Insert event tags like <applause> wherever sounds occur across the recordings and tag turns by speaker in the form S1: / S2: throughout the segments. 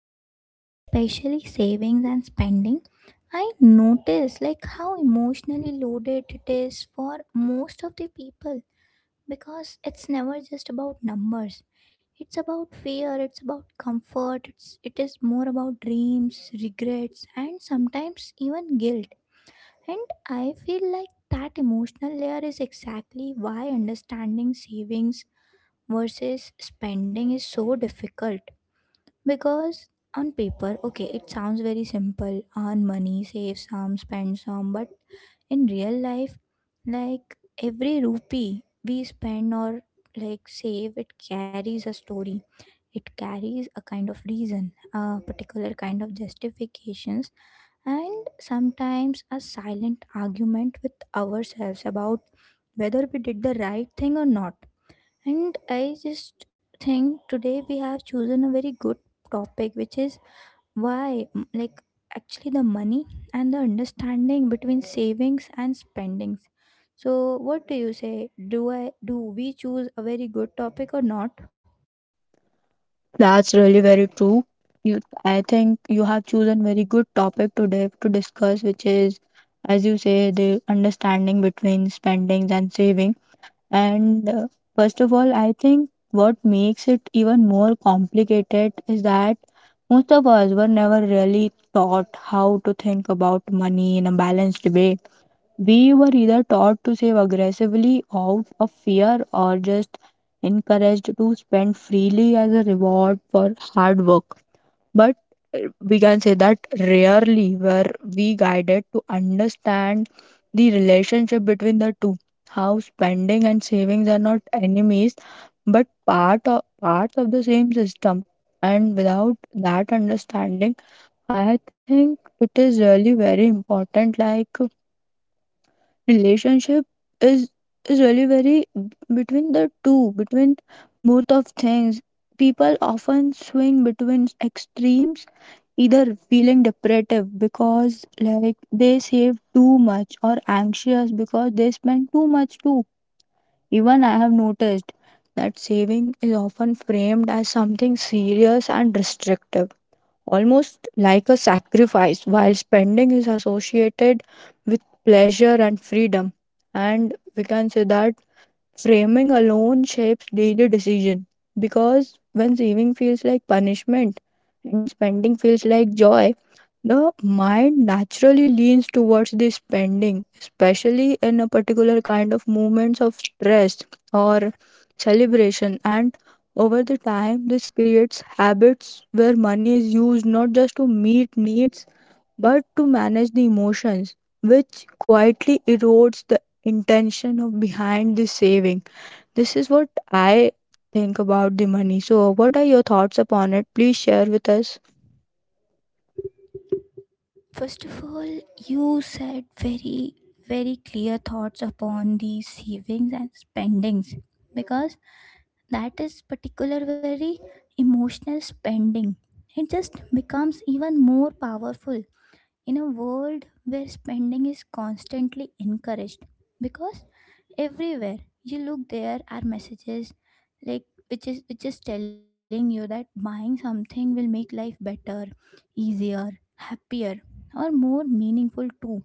S1: up, especially savings and spending, I notice how emotionally loaded it is for most of the people because it's never just about numbers. It's about fear, it's about comfort, it is more about dreams, regrets and sometimes even guilt. And I feel like that emotional layer is exactly why understanding savings versus spending is so difficult because on paper, okay, it sounds very simple, earn money, save some, spend some, but in real life, like every rupee we spend or save, it carries a story. It carries a kind of reason, a particular kind of justifications, and sometimes a silent argument with ourselves about whether we did the right thing or not. And I just think today we have chosen a very good topic, which is why, mm, like, actually the money and the understanding between savings and spendings. So, what do you say? Do we choose a very good topic or not?
S2: That's really very true. I think you have chosen very good topic today to discuss, which is, as you say, the understanding between spendings and saving. And First of all, I think what makes it even more complicated is that most of us were never really taught how to think about money in a balanced way. We were either taught to save aggressively out of fear or just encouraged to spend freely as a reward for hard work. But we can say that rarely were we guided to understand the relationship between the two. How spending and savings are not enemies but parts of the same system. And without that understanding, I think it is really very important, like relationship is is really very b- between the two, between both of things. People often swing between extremes, either feeling depressive because like they save too much, or anxious because they spend too much too. Even I have noticed that saving is often framed as something serious and restrictive, almost like a sacrifice, while spending is associated with pleasure and freedom. And we can say that framing alone shapes daily decision, because when saving feels like punishment and spending feels like joy, the mind naturally leans towards the spending, especially in a particular kind of moments of stress or celebration. And over the time, this creates habits where money is used not just to meet needs but to manage the emotions, which quietly erodes the intention of behind the saving. This is what I think about the money. So, what are your thoughts upon it? Please share with us.
S1: First of all, you said very clear thoughts upon the savings and spendings because that is particular very emotional spending. It just becomes even more powerful in a world where spending is constantly encouraged because everywhere you look there are messages like which is telling you that buying something will make life better, easier, happier, or more meaningful too,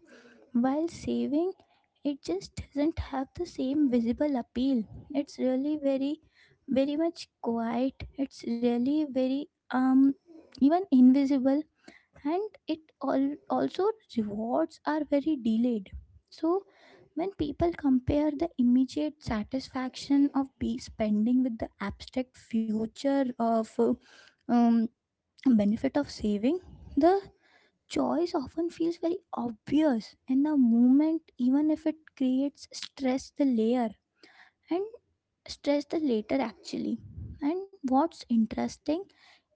S1: while saving it just doesn't have the same visible appeal. It's really very much quiet, it's really very even invisible. And it all also rewards are very delayed. So when people compare the immediate satisfaction of be spending with the abstract future of um, benefit of saving, the choice often feels very obvious in the moment even if it creates stress the layer and stress the later actually. And what's interesting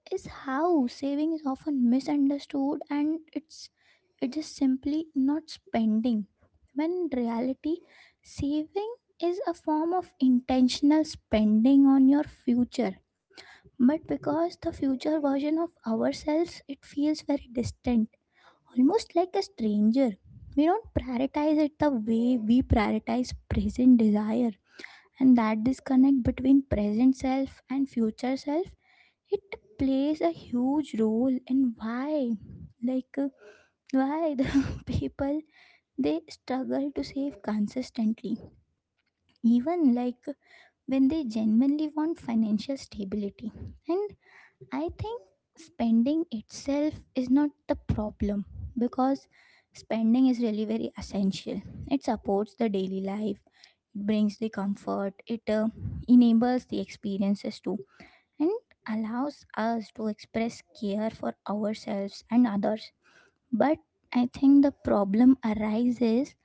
S1: is how saving is often misunderstood and it is simply not spending. When in reality, saving is a form of intentional spending on your future. But because the future version of ourselves it feels very distant, almost like a stranger. We don't prioritize it the way we prioritize present desire, and that disconnect between present self and future self, it plays a huge role in why like why the <laughs> people they struggle to save consistently, even when they genuinely want financial stability. And I think spending itself is not the problem because spending is really very essential. It supports the daily life, it brings the comfort, it enables the experiences too, and allows us to express care for ourselves and others. But I think the problem arises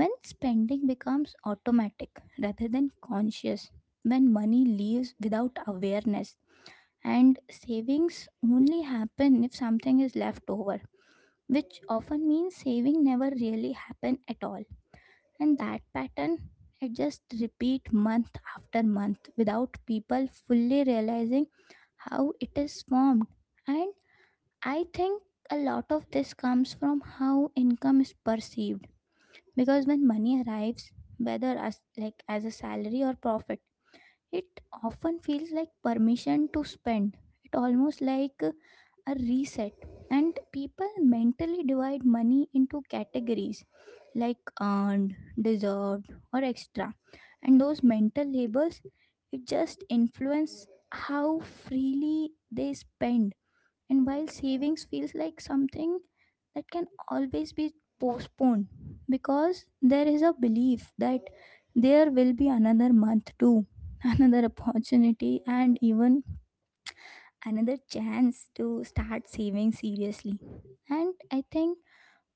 S1: when spending becomes automatic rather than conscious, when money leaves without awareness and savings only happen if something is left over, which often means saving never really happen at all. And that pattern, it just repeat month after month without people fully realizing how it is formed. And I think a lot of this comes from how income is perceived, because when money arrives, whether as a salary or profit, it often feels like permission to spend. It almost like a reset. And people mentally divide money into categories like earned, deserved, or extra. And those mental labels, it just influence how freely they spend, and while savings feels like something that can always be postponed, because there is a belief that there will be another month too, <laughs> another opportunity, and even another chance to start saving seriously. And I think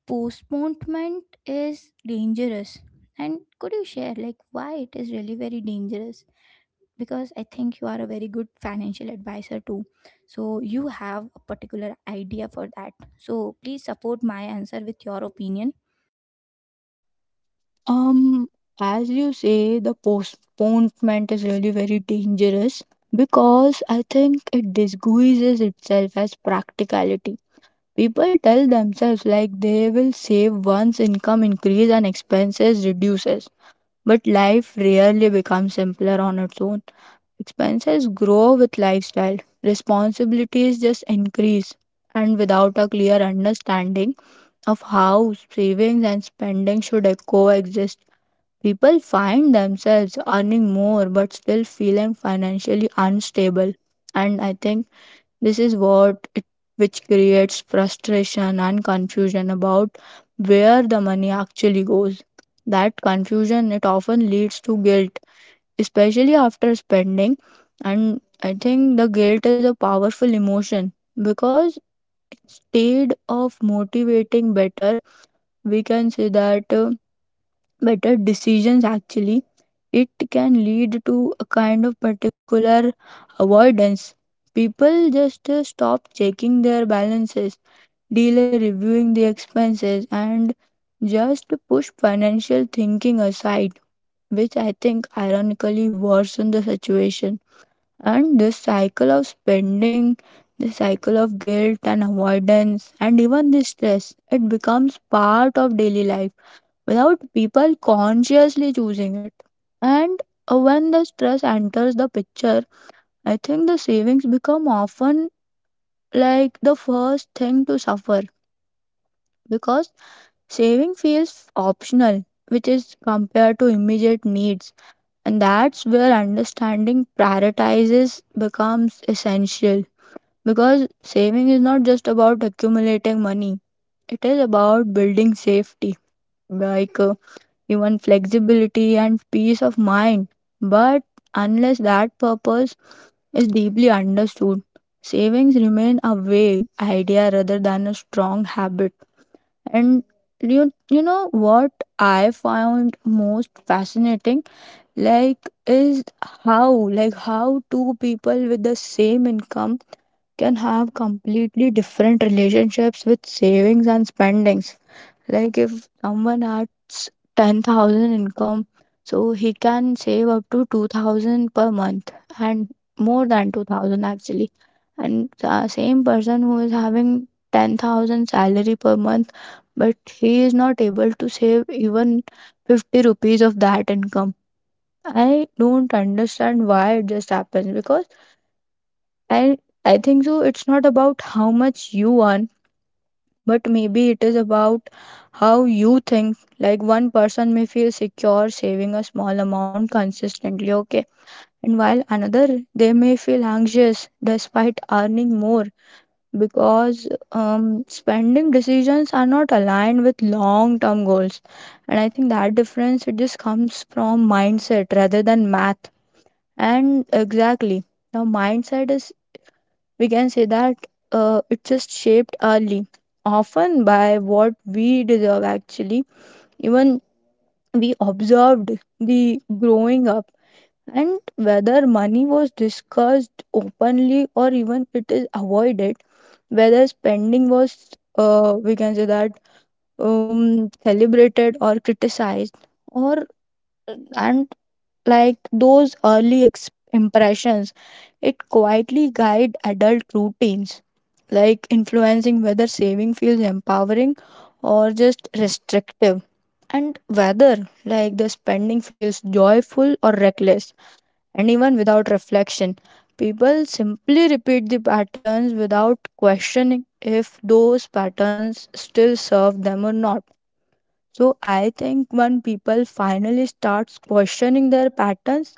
S1: postponement is dangerous. And could you share why it is really very dangerous? Because I think you are a very good financial advisor too, so you have a particular idea for that, so please support my answer with your opinion.
S2: Um, as you say, the postponement is really very dangerous because I think it disguises itself as practicality. People tell themselves like they will save once income increase and expenses reduces, but life rarely becomes simpler on its own. Expenses grow with lifestyle, responsibilities just increase, and without a clear understanding of how savings and spending should coexist. People find themselves earning more but still feeling financially unstable. And I think this is what it, which creates frustration and confusion about where the money actually goes. That confusion it often leads to guilt, especially after spending. And I think the guilt is a powerful emotion because instead of motivating better, we can say that better decisions actually it can lead to a kind of particular avoidance. People just stop checking their balances, delay reviewing the expenses, and just push financial thinking aside, which I think ironically worsen the situation. And this cycle of spending, the cycle of guilt and avoidance and even the stress, it becomes part of daily life without people consciously choosing it. And when the stress enters the picture, I think the savings become often like the first thing to suffer because saving feels optional, which is compared to immediate needs. And that's where understanding prioritizes becomes essential because saving is not just about accumulating money, it is about building safety. Like, uh, Even flexibility and peace of mind. But unless that purpose is deeply understood, savings remain a vague idea rather than a strong habit. And you know what I found most fascinating like is how two people with the same income can have completely different relationships with savings and spendings. Like if someone earns 10,000 income, so he can save up to 2,000 per month, and more than 2,000 actually. And the same person who is having 10,000 salary per month, but he is not able to save even 50 rupees of that income. I don't understand why it just happens because I I think so it's not about how much you earn but maybe it is about how you think. Like one person may feel secure saving a small amount consistently, okay, and while another, they may feel anxious despite earning more because spending decisions are not aligned with long term goals. And I think that difference it just comes from mindset rather than math. And exactly, the mindset is we can say that it just shaped early, often by what we deserve actually, even we observed the growing up, and whether money was discussed openly or even it is avoided, whether spending was we can say that celebrated or criticized, or and like those early impressions, it quietly guide adult routines, like influencing whether saving feels empowering or just restrictive, and whether like the spending feels joyful or reckless. And even without reflection, people simply repeat the patterns without questioning if those patterns still serve them or not. So I think when people finally starts questioning their patterns,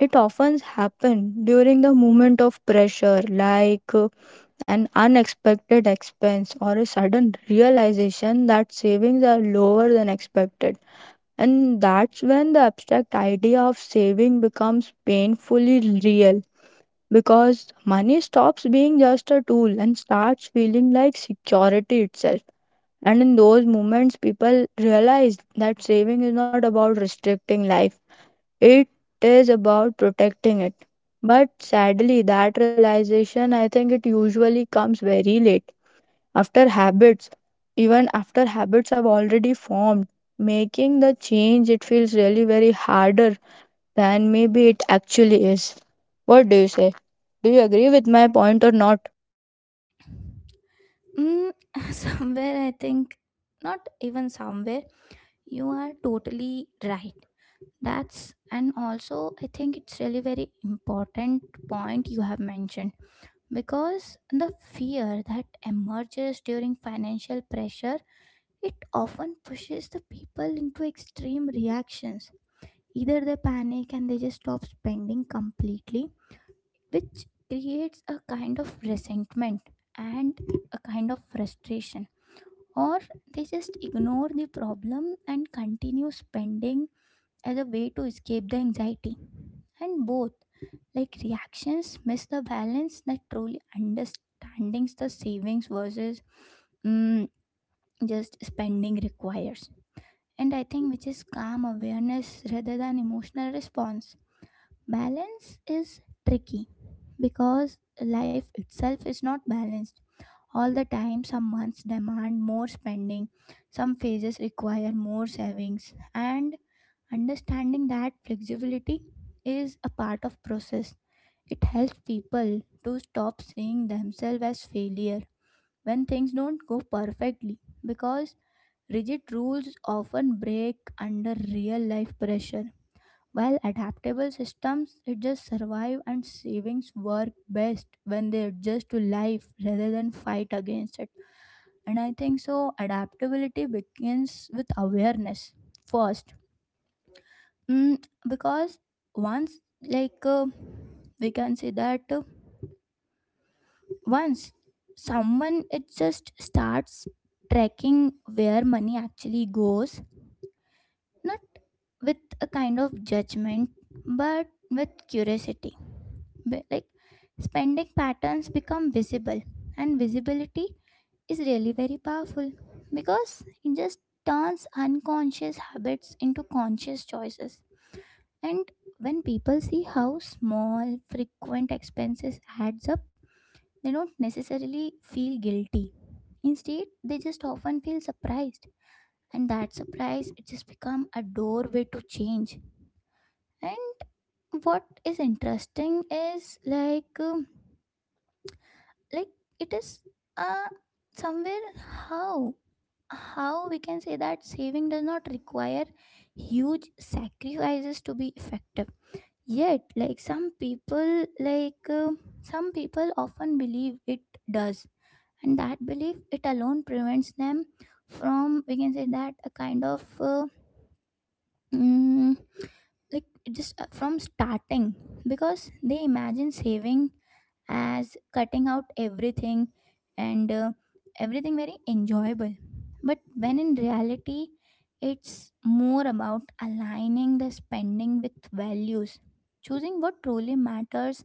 S2: it often happens during the moment of pressure, like an unexpected expense or a sudden realization that savings are lower than expected. And that's when the abstract idea of saving becomes painfully real because money stops being just a tool and starts feeling like security itself. And in those moments, people realize that saving is not about restricting life, it is about protecting it. But sadly, that realization, I think it usually comes very late after habits, even after habits have already formed. Making the change, it feels really very harder than maybe it actually is. What do you say? Do you agree with my point or not?
S1: mm, <laughs> somewhere I think not even somewhere you are totally right. That's, and also I think it's really very important point you have mentioned, because the fear that emerges during financial pressure, it often pushes the people into extreme reactions. Either they panic and they just stop spending completely, which creates a kind of resentment and a kind of frustration. Or they just ignore the problem and continue spending as a way to escape the anxiety. And both, like reactions, miss the balance that truly understandings the savings versus mm, just spending requires. And I think which is calm awareness rather than emotional response. Balance is tricky because life itself is not balanced. All the time, some months demand more spending, some phases require more savings, and understanding that flexibility is a part of process. It helps people to stop seeing themselves as failure when things don't go perfectly, because rigid rules often break under real life pressure, while adaptable systems it just survive, and savings work best when they adjust to life rather than fight against it. And I think so adaptability begins with awareness first. Because once like we can say that once someone it just starts tracking where money actually goes, not with a kind of judgment but with curiosity. Be- like Spending patterns become visible, and visibility is really very powerful because it just turns unconscious habits into conscious choices. And when people see how small frequent expenses adds up, they don't necessarily feel guilty, instead they just often feel surprised, and that surprise it just become a doorway to change. And what is interesting is like it is uh somewhere how we can say that saving does not require huge sacrifices to be effective, yet some people often believe it does. And that belief it alone prevents them from, we can say that, a kind of mm, like just from starting, because they imagine saving as cutting out everything and everything very enjoyable. But when in reality, it's more about aligning the spending with values, choosing what truly matters,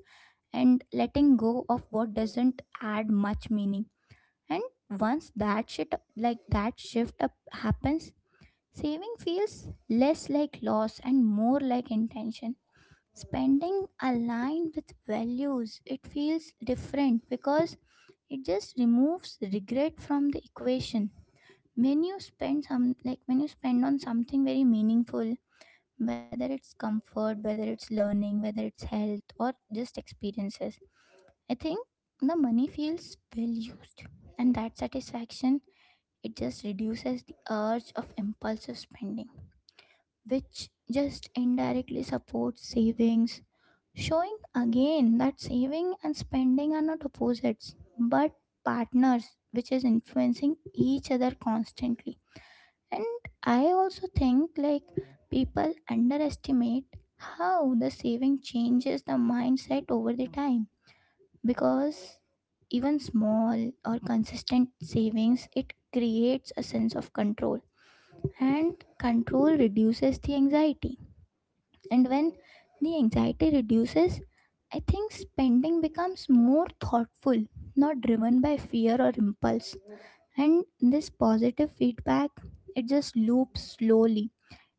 S1: and letting go of what doesn't add much meaning. And once that shit like that shift up happens, saving feels less like loss and more like intention. Spending aligned with values, it feels different because it just removes regret from the equation. When you spend some like when you spend on something very meaningful, whether it's comfort, whether it's learning, whether it's health, or just experiences, I think the money feels well used, and that satisfaction it just reduces the urge of impulsive spending, which just indirectly supports savings, showing again that saving and spending are not opposites but partners, which is influencing each other constantly. And I also think people underestimate how the saving changes the mindset over the time, because even small or consistent savings it creates a sense of control, and control reduces the anxiety. And when the anxiety reduces, I think spending becomes more thoughtful, not driven by fear or impulse. And this positive feedback, it just loops slowly.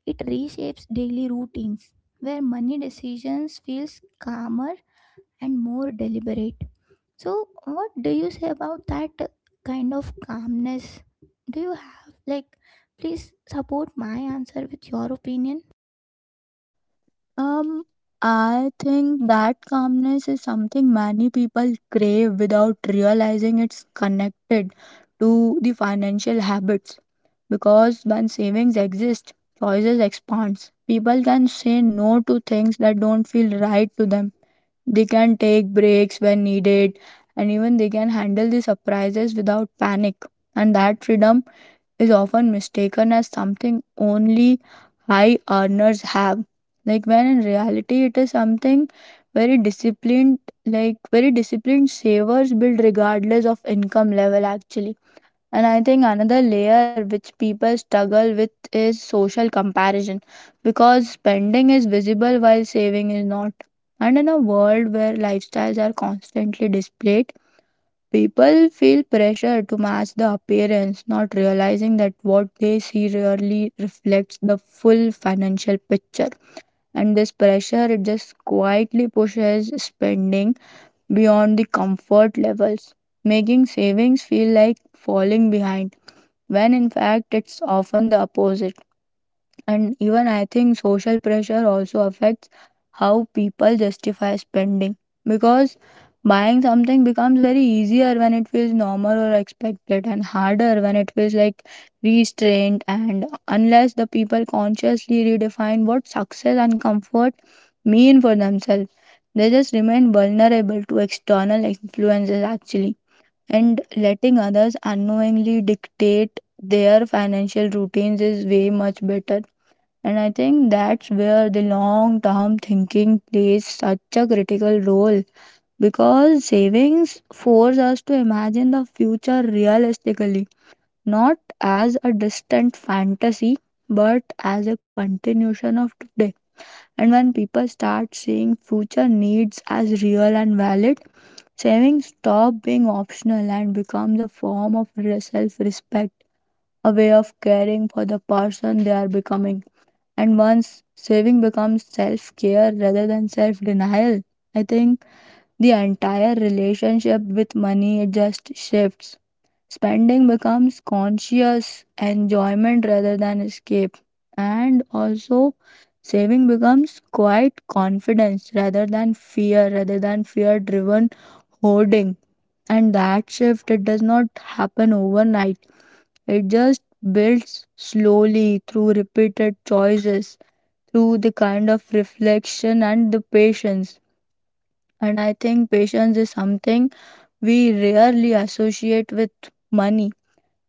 S1: It reshapes daily routines where money decisions feels calmer and more deliberate. So, what do you say about that kind of calmness? Do you have please support my answer with your opinion?
S2: Um, I think that calmness is something many people crave without realizing it's connected to the financial habits. Because when savings exist, choices expands. People can say no to things that don't feel right to them. They can take breaks when needed, and even they can handle the surprises without panic. And that freedom is often mistaken as something only high earners have, like when in reality it is something very disciplined, like very disciplined savers build regardless of income level actually. And I think another layer which people struggle with is social comparison because spending is visible while saving is not. And in a world where lifestyles are constantly displayed, people feel pressure to match the appearance, not realizing that what they see rarely reflects the full financial picture. And this pressure it just quietly pushes spending beyond the comfort levels, making savings feel like falling behind, when in fact it's often the opposite. And even I think social pressure also affects how people justify spending because buying something becomes very easier when it feels normal or expected and harder when it feels like restrained. And unless the people consciously redefine what success and comfort mean for themselves, they just remain vulnerable to external influences actually, and letting others unknowingly dictate their financial routines is way much better. And I think that's where the long term thinking plays such a critical role because savings force us to imagine the future realistically, not as a distant fantasy, but as a continuation of today. And when people start seeing future needs as real and valid, savings stop being optional and becomes a form of self respect, a way of caring for the person they are becoming. And once saving becomes self care rather than self denial, I think the entire relationship with money just shifts. Spending becomes conscious enjoyment rather than escape. And also, saving becomes quiet confidence rather than fear driven hoarding. And that shift, it does not happen overnight, it just builds slowly through repeated choices, through the kind of reflection and the patience. And I think patience is something we rarely associate with money,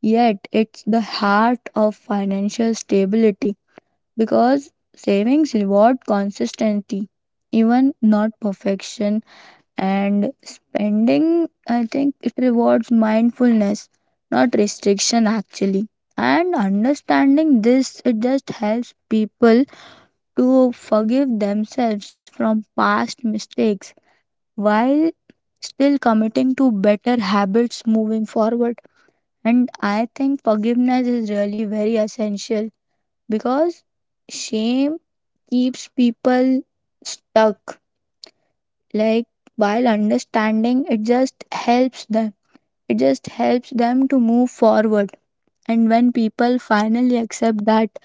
S2: yet it's the heart of financial stability because savings reward consistency, even not perfection, and spending, I think it rewards mindfulness, not restriction actually. And understanding this, it just helps people to forgive themselves from past mistakes while still committing to better habits moving forward. And I think forgiveness is really very essential because shame keeps people stuck. Like, while understanding, it just helps them. It just helps them to move forward. And when people finally accept that,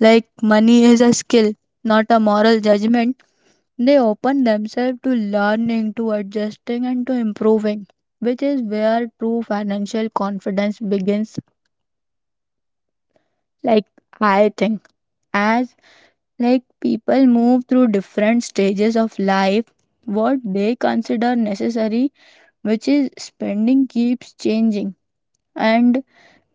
S2: like, money is a skill, not a moral judgment, they open themselves to learning, to adjusting, and to improving, which is where true financial confidence begins. Like, I think, as like people move through different stages of life, what they consider necessary, which is spending, keeps changing. And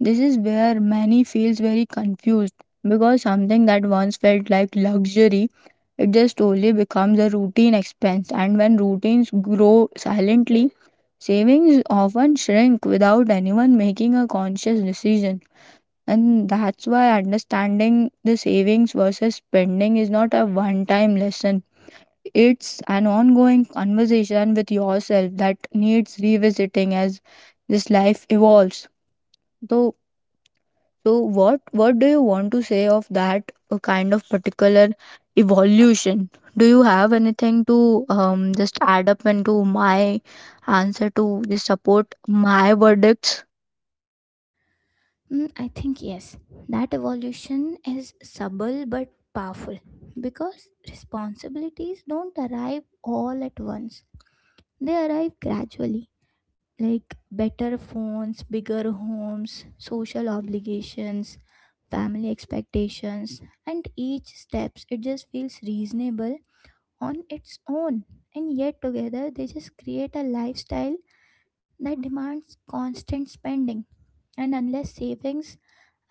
S2: this is where many feels very confused because something that once felt like luxury it just slowly becomes a routine expense. And when routines grow silently, savings often shrink without anyone making a conscious decision. And that's why understanding the savings versus spending is not a one time lesson, it's an ongoing conversation with yourself that needs revisiting as this life evolves. So so what what do you want to say of that kind of particular evolution? Do you have anything to just add up into my answer to just support my verdicts?
S1: I think yes. That evolution is subtle but powerful because responsibilities don't arrive all at once, they arrive gradually. Like better phones, bigger homes, social obligations, family expectations, and each steps it just feels reasonable on its own. And yet together they just create a lifestyle that demands constant spending. And unless savings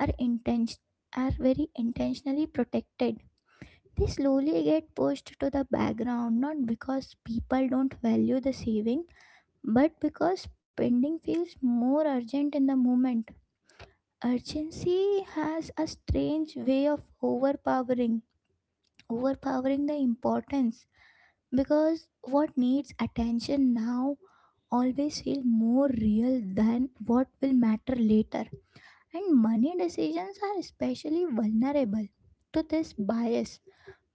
S1: are intention are very intentionally protected, they slowly get pushed to the background, not because people don't value the saving but because spending feels more urgent in the moment. Urgency has a strange way of overpowering the importance, because what needs attention now always feel more real than what will matter later. And money decisions are especially vulnerable to this bias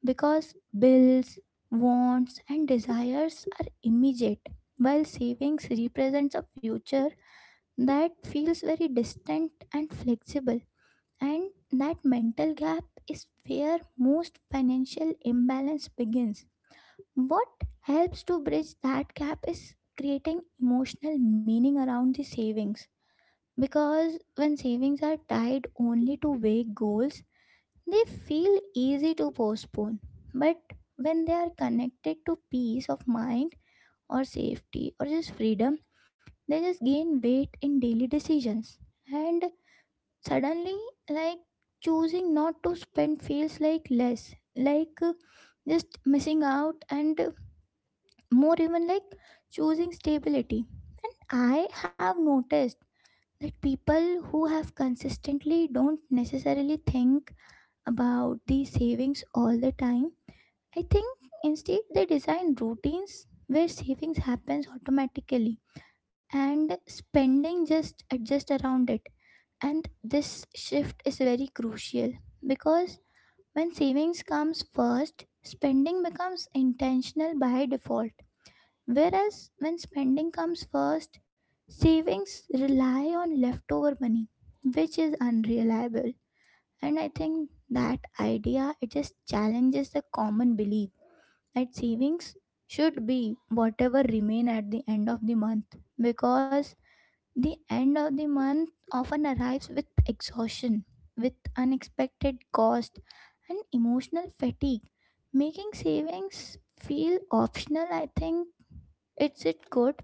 S1: because bills, wants, and desires are immediate, while savings represents a future that feels very distant and flexible. And that mental gap is where most financial imbalance begins. What helps to bridge that gap is creating emotional meaning around the savings, because when savings are tied only to vague goals, they feel easy to postpone. But when they are connected to peace of mind or safety or just freedom, they just gain weight in daily decisions. And suddenly, like choosing not to spend feels like just missing out, and more even like choosing stability. And I have noticed that people who have consistently don't necessarily think about these savings all the time. I think instead they design routines where savings happens automatically and spending just adjust around it. And this shift is very crucial because when savings comes first, spending becomes intentional by default. Whereas when spending comes first, savings rely on leftover money, which is unreliable. And I think that idea it just challenges the common belief that savings should be whatever remain at the end of the month, because the end of the month often arrives with exhaustion, with unexpected cost and emotional fatigue, making savings feel optional. I think it's it good,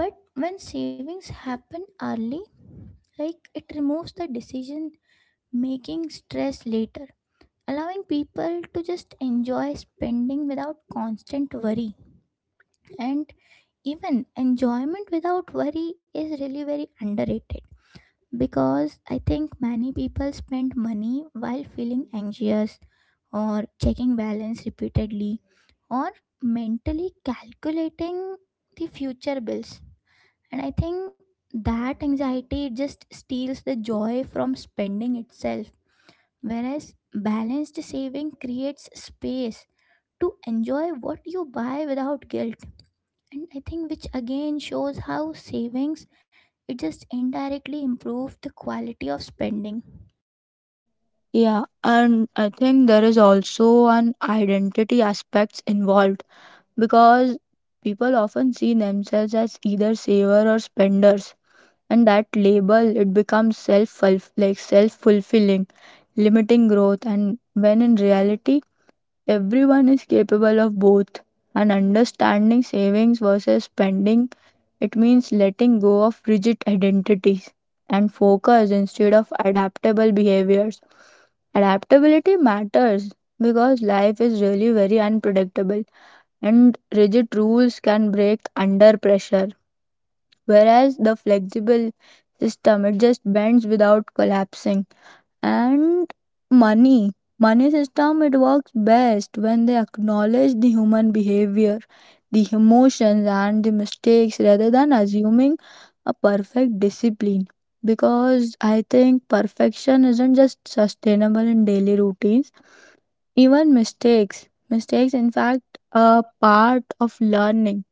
S1: but when savings happen early, like, it removes the decision making stress later, allowing people to just enjoy spending without constant worry. And even enjoyment without worry is really very underrated because I think many people spend money while feeling anxious or checking balance repeatedly or mentally calculating the future bills, and I think that anxiety it just steals the joy from spending itself, whereas balanced saving creates space to enjoy what you buy without guilt. And I think which again shows how savings it just indirectly improves the quality of spending.
S2: Yeah, and I think there is also an identity aspects involved because people often see themselves as either saver or spenders, and that label it becomes self, like self fulfilling, limiting growth. And when in reality everyone is capable of both, and understanding savings versus spending, it means letting go of rigid identities and focus instead of adaptable behaviors. Adaptability matters because life is really very unpredictable and rigid rules can break under pressure, whereas the flexible system it just bends without collapsing. And money money system, it works best when they acknowledge the human behavior, the emotions and the mistakes rather than assuming a perfect discipline, because I think perfection isn't just sustainable in daily routines. Even mistakes in fact are part of learning,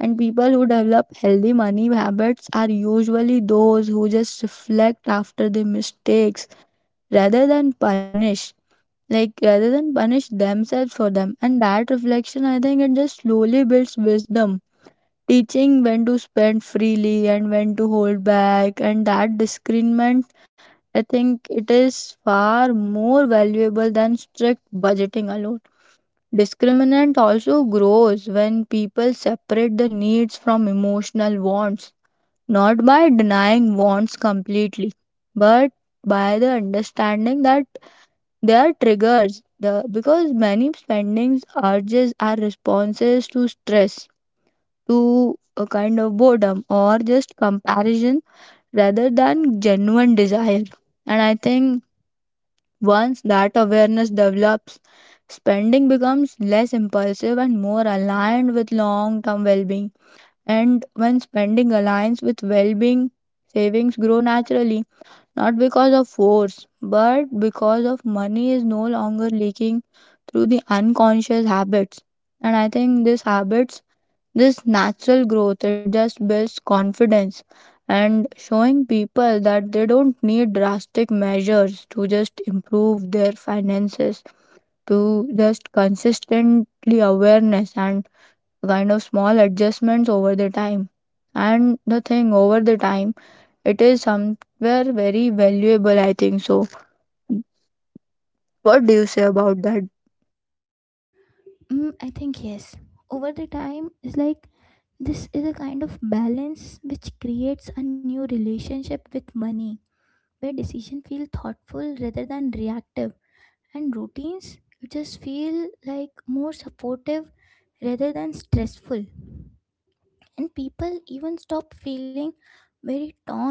S2: and people who develop healthy money habits are usually those who just reflect after their mistakes rather than punish. Like rather than punish themselves for them. And that reflection, I think it just slowly builds wisdom, teaching when to spend freely and when to hold back. And that discernment I think it is far more valuable than strict budgeting alone. Discriminant also grows when people separate the needs from emotional wants, not by denying wants completely, but by the understanding that they are triggers. Because many spendings urges are responses to stress, to a kind of boredom, or just comparison rather than genuine desire. And I think once that awareness develops, spending becomes less impulsive and more aligned with long term well being. And when spending aligns with well being, savings grow naturally, not because of force, but because of money is no longer leaking through the unconscious habits. And I think these habits, this natural growth it just builds confidence and showing people that they don't need drastic measures to just improve their finances, to just consistently awareness and kind of small adjustments over the time, and the thing over the time, it is somewhere very valuable, I think. So what do you say about that?
S1: I think yes, over the time it's like this is a kind of balance which creates a new relationship with money, where decision feel thoughtful rather than reactive and routines it just feel like more supportive rather than stressful, and people even stop feeling very torn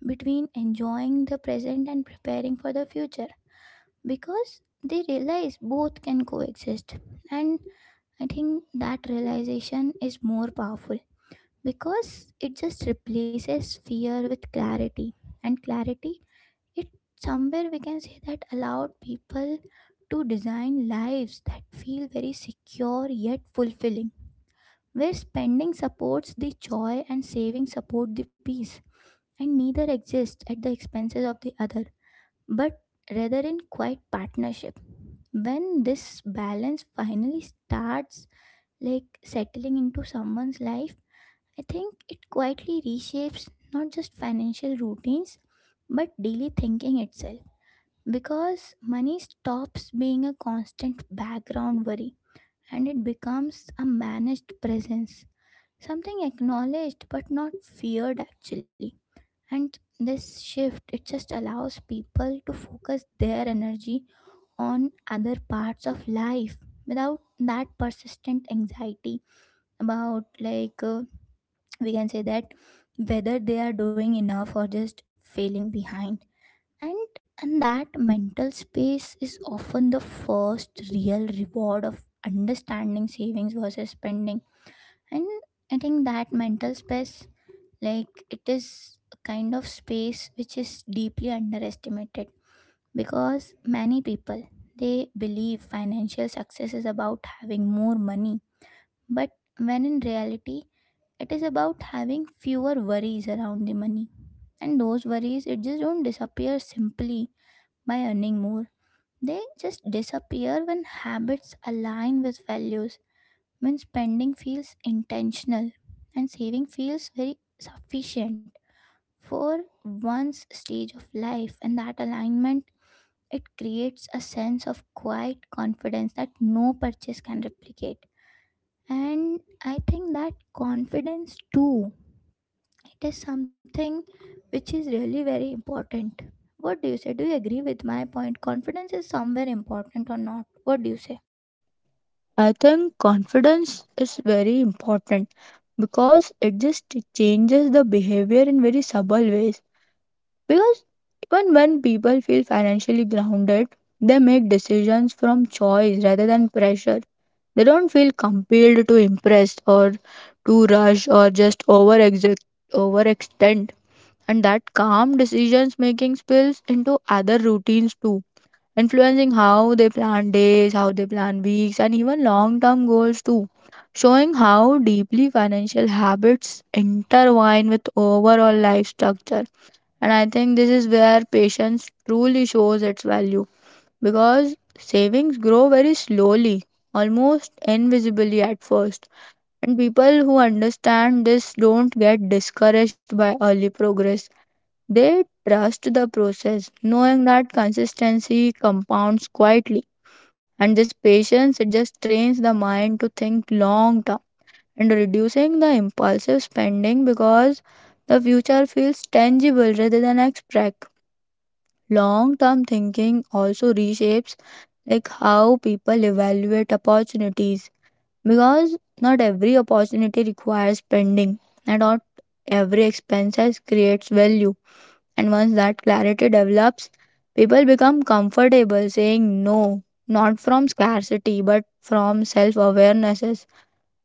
S1: between enjoying the present and preparing for the future because they realize both can coexist. And I think that realization is more powerful because it just replaces fear with clarity, and clarity it somewhere, we can say that, allowed people to design lives that feel very secure yet fulfilling, where spending supports the joy and saving support the peace, and neither exists at the expenses of the other, but rather in quiet partnership. When this balance finally starts like settling into someone's life, I think it quietly reshapes not just financial routines but daily thinking itself, because money stops being a constant background worry and it becomes a managed presence, something acknowledged but not feared actually. And this shift it just allows people to focus their energy on other parts of life without that persistent anxiety about, like, we can say that, whether they are doing enough or just failing behind. And and that mental space is often the first real reward of understanding savings versus spending. And I think that mental space, like, it is a kind of space which is deeply underestimated because many people they believe financial success is about having more money, but when in reality it is about having fewer worries around the money. And those worries it just don't disappear simply by earning more, they just disappear when habits align with values, when spending feels intentional and saving feels very sufficient for one's stage of life. And that alignment it creates a sense of quiet confidence that no purchase can replicate. And I think that confidence too, it is something which is really very important. What do you say, do you agree with my point, confidence is somewhere important or not, what do you say?
S2: I think confidence is very important because it just changes the behavior in very subtle ways. Because even when people feel financially grounded, they make decisions from choice rather than pressure. They don't feel compelled to impress, or to rush, or just overextend. And that calm decisions making spills into other routines too, influencing how they plan days, how they plan weeks, and even long term goals too, showing how deeply financial habits intertwine with overall life structure. And I think this is where patience truly shows its value, because savings grow very slowly, almost invisibly at first. And people who understand this don't get discouraged by early progress. They trust the process, knowing that consistency compounds quietly, and this patience it just trains the mind to think long term and reducing the impulsive spending because the future feels tangible rather than abstract. Long term thinking also reshapes, like, how people evaluate opportunities, because not every opportunity requires spending and not every expenses creates value. And once that clarity develops, people become comfortable saying no, not from scarcity, but from self awarenesses.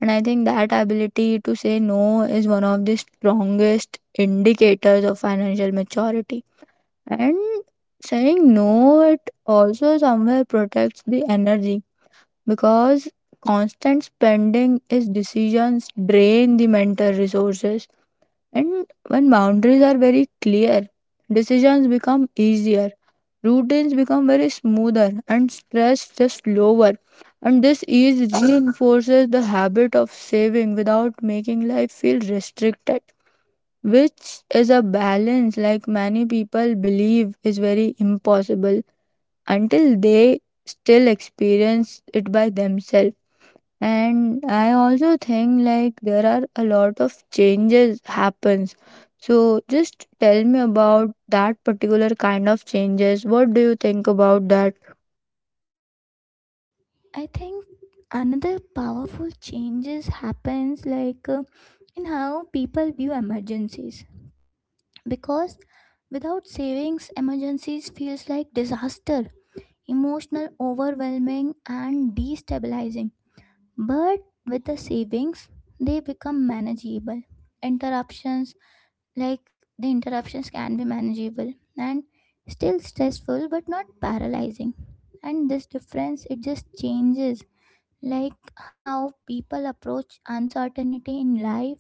S2: And I think that ability to say no is one of the strongest indicators of financial maturity. And saying no, it also somewhere protects the energy, because constant spending is decisions drain the mental resources. And when boundaries are very clear, decisions become easier, routines become very smoother, and stress just lower. And this ease reinforces the habit of saving without making life feel restricted, which is a balance like many people believe is very impossible until they still experience it by themselves. And I also think like there are a lot of changes happens, so just tell me about that particular kind of changes. What do you think about that?
S1: I think another powerful changes happens like, in how people view emergencies, because without savings emergencies feels like disaster, emotional overwhelming and destabilizing. But with the savings they become manageable interruptions, like the interruptions can be manageable and still stressful but not paralyzing. And this difference it just changes, like, how people approach uncertainty in life,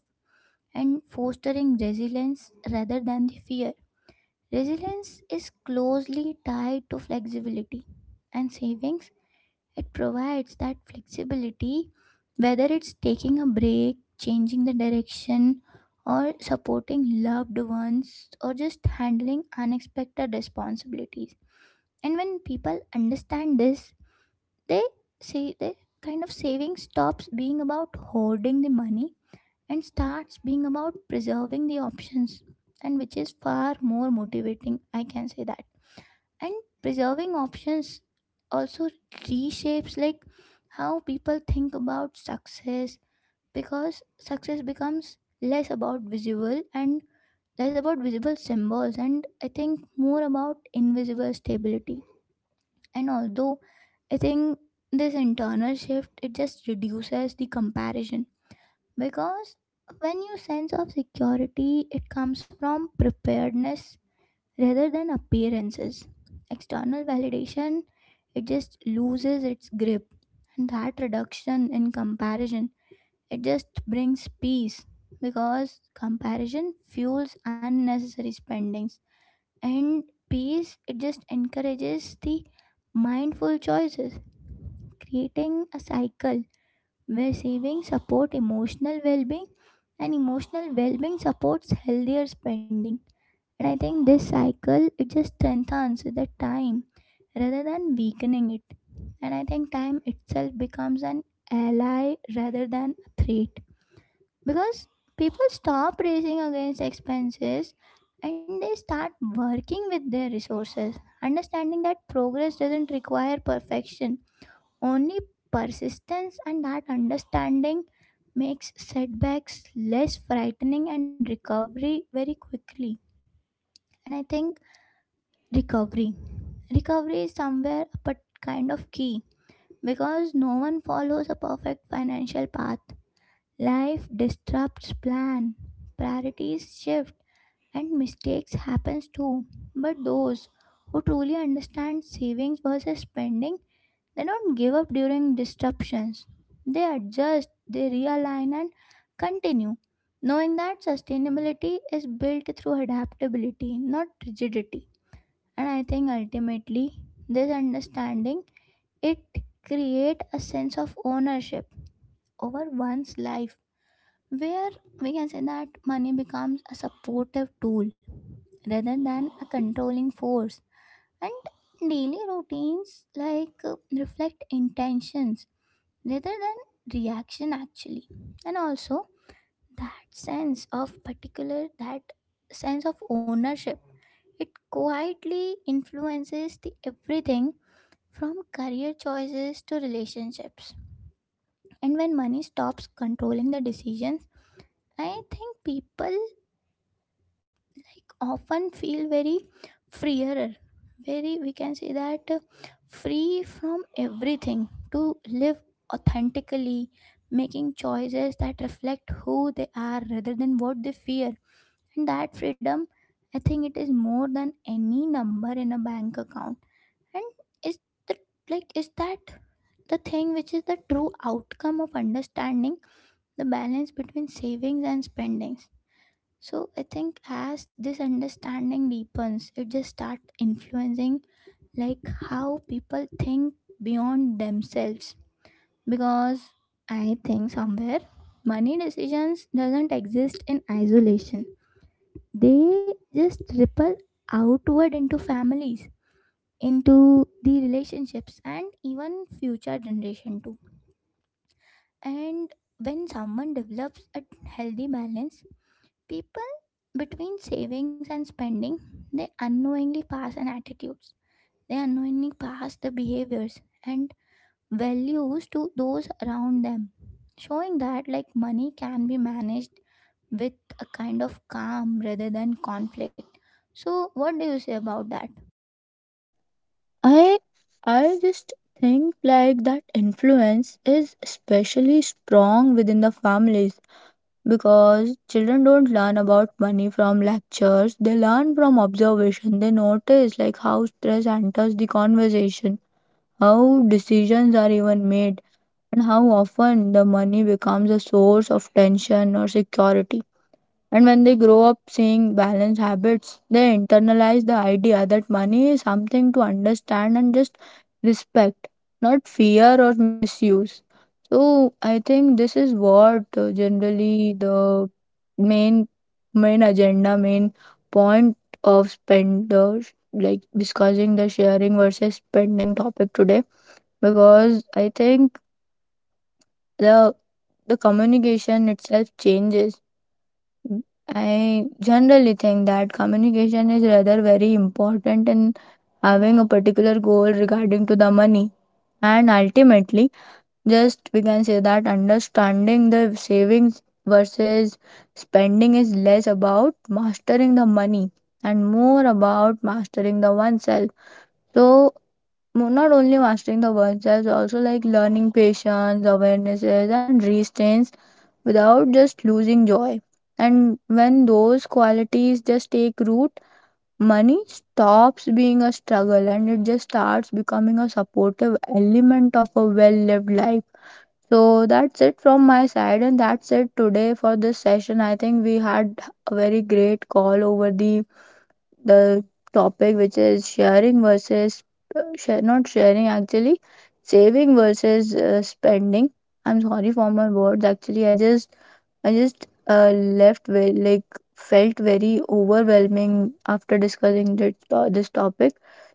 S1: and fostering resilience rather than the fear. Resilience is closely tied to flexibility and savings. It provides that flexibility, whether it's taking a break, changing the direction, or supporting loved ones, or just handling unexpected responsibilities. And when people understand this, they say they kind of, saving stops being about hoarding the money and starts being about preserving the options, and which is far more motivating, I can say that. And preserving options also reshapes, like, how people think about success, because success becomes less about visible and less about visible symbols, and I think more about invisible stability. And although I think this internal shift it just reduces the comparison, because when your sense of security it comes from preparedness rather than appearances, external validation it just loses its grip. And that reduction in comparison it just brings peace, because comparison fuels unnecessary spendings. And peace it just encourages the mindful choices, creating a cycle where savings support emotional well-being and emotional well-being supports healthier spending. And I think this cycle it just strengthens with the time rather than weakening it. And I think time itself becomes an ally rather than a threat, because people stop racing against expenses and they start working with their resources, understanding that progress doesn't require perfection, only persistence. And that understanding makes setbacks less frightening and recovery very quickly. And I think recovery. Recovery is somewhere but kind of key, because no one follows a perfect financial path. Life disrupts plan, priorities shift, and mistakes happens too. But those who truly understand savings versus spending, they don't give up during disruptions. They adjust, they realign, and continue, knowing that sustainability is built through adaptability, not rigidity. And I think ultimately, this understanding it create a sense of ownership over one's life, where, we can say that, money becomes a supportive tool rather than a controlling force. And daily routines like, reflect intentions rather than reaction actually. And also that sense of particular, that sense of ownership it quietly influences the everything, from career choices to relationships. And when money stops controlling the decisions, I think people like often feel very freer, very, we can say that, free from everything to live authentically, making choices that reflect who they are rather than what they fear. And that freedom, I think it is more than any number in a bank account, and is the, like is that, the thing which is the true outcome of understanding the balance between savings and spendings. So I think as this understanding deepens, it just start influencing, like, how people think beyond themselves. Because I think somewhere money decisions doesn't exist in isolation. They just ripple outward into families, into the relationships and even future generation too. And when someone develops a healthy balance, people between savings and spending, they unknowingly pass on attitudes. They unknowingly pass the behaviors and values to those around them, showing that like money can be managed with a kind of calm rather than conflict. So, what do you say about that?
S2: I i just think like that influence is especially strong within the families, because children don't learn about money from lectures, they learn from observation. They notice like how stress enters the conversation, how decisions are even made, and how often the money becomes a source of tension or security. And when they grow up seeing balanced habits, they internalize the idea that money is something to understand and just respect, not fear or misuse. So I think this is what generally the main main agenda, main point of spend the, like, discussing the sharing versus spending topic today, because I think the the communication itself changes. I generally think that communication is rather very important in having a particular goal regarding to the money. And ultimately, just we can say that understanding the savings versus spending is less about mastering the money and more about mastering the oneself. So not only mastering the words, there's also like learning patience, awarenesses and restraints without just losing joy. And when those qualities just take root, money stops being a struggle and it just starts becoming a supportive element of a well lived life. So that's it from my side, and that's it today for this session. I think we had a very great call over the topic, which is sharing versus share, not sharing actually, saving versus spending. I'm sorry for my words actually. I just left with, like, felt very overwhelming after discussing this topic.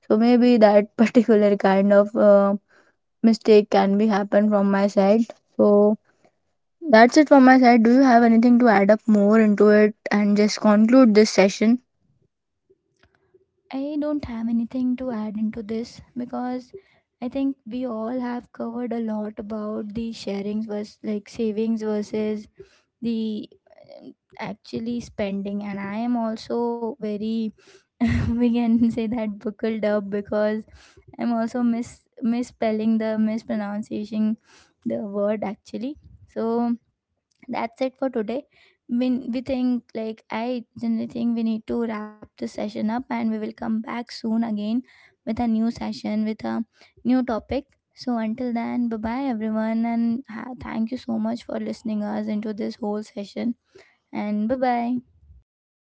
S2: So maybe that <laughs> particular kind of mistake can be happen from my side. So that's it from my side. Do you have anything to add up more into it and just conclude this session?
S1: I don't have anything to add into this because I think we all have covered a lot about the sharings versus like savings versus the actually spending, and I am also very <laughs> we can say that buckled up because I'm also misspelling the mispronunciation the word actually. So that's it for today. When we think like, I generally think we need to wrap this session up and we will come back soon again with a new session with a new topic. So until then, bye bye everyone, and thank you so much for listening us into this whole session. And bye bye.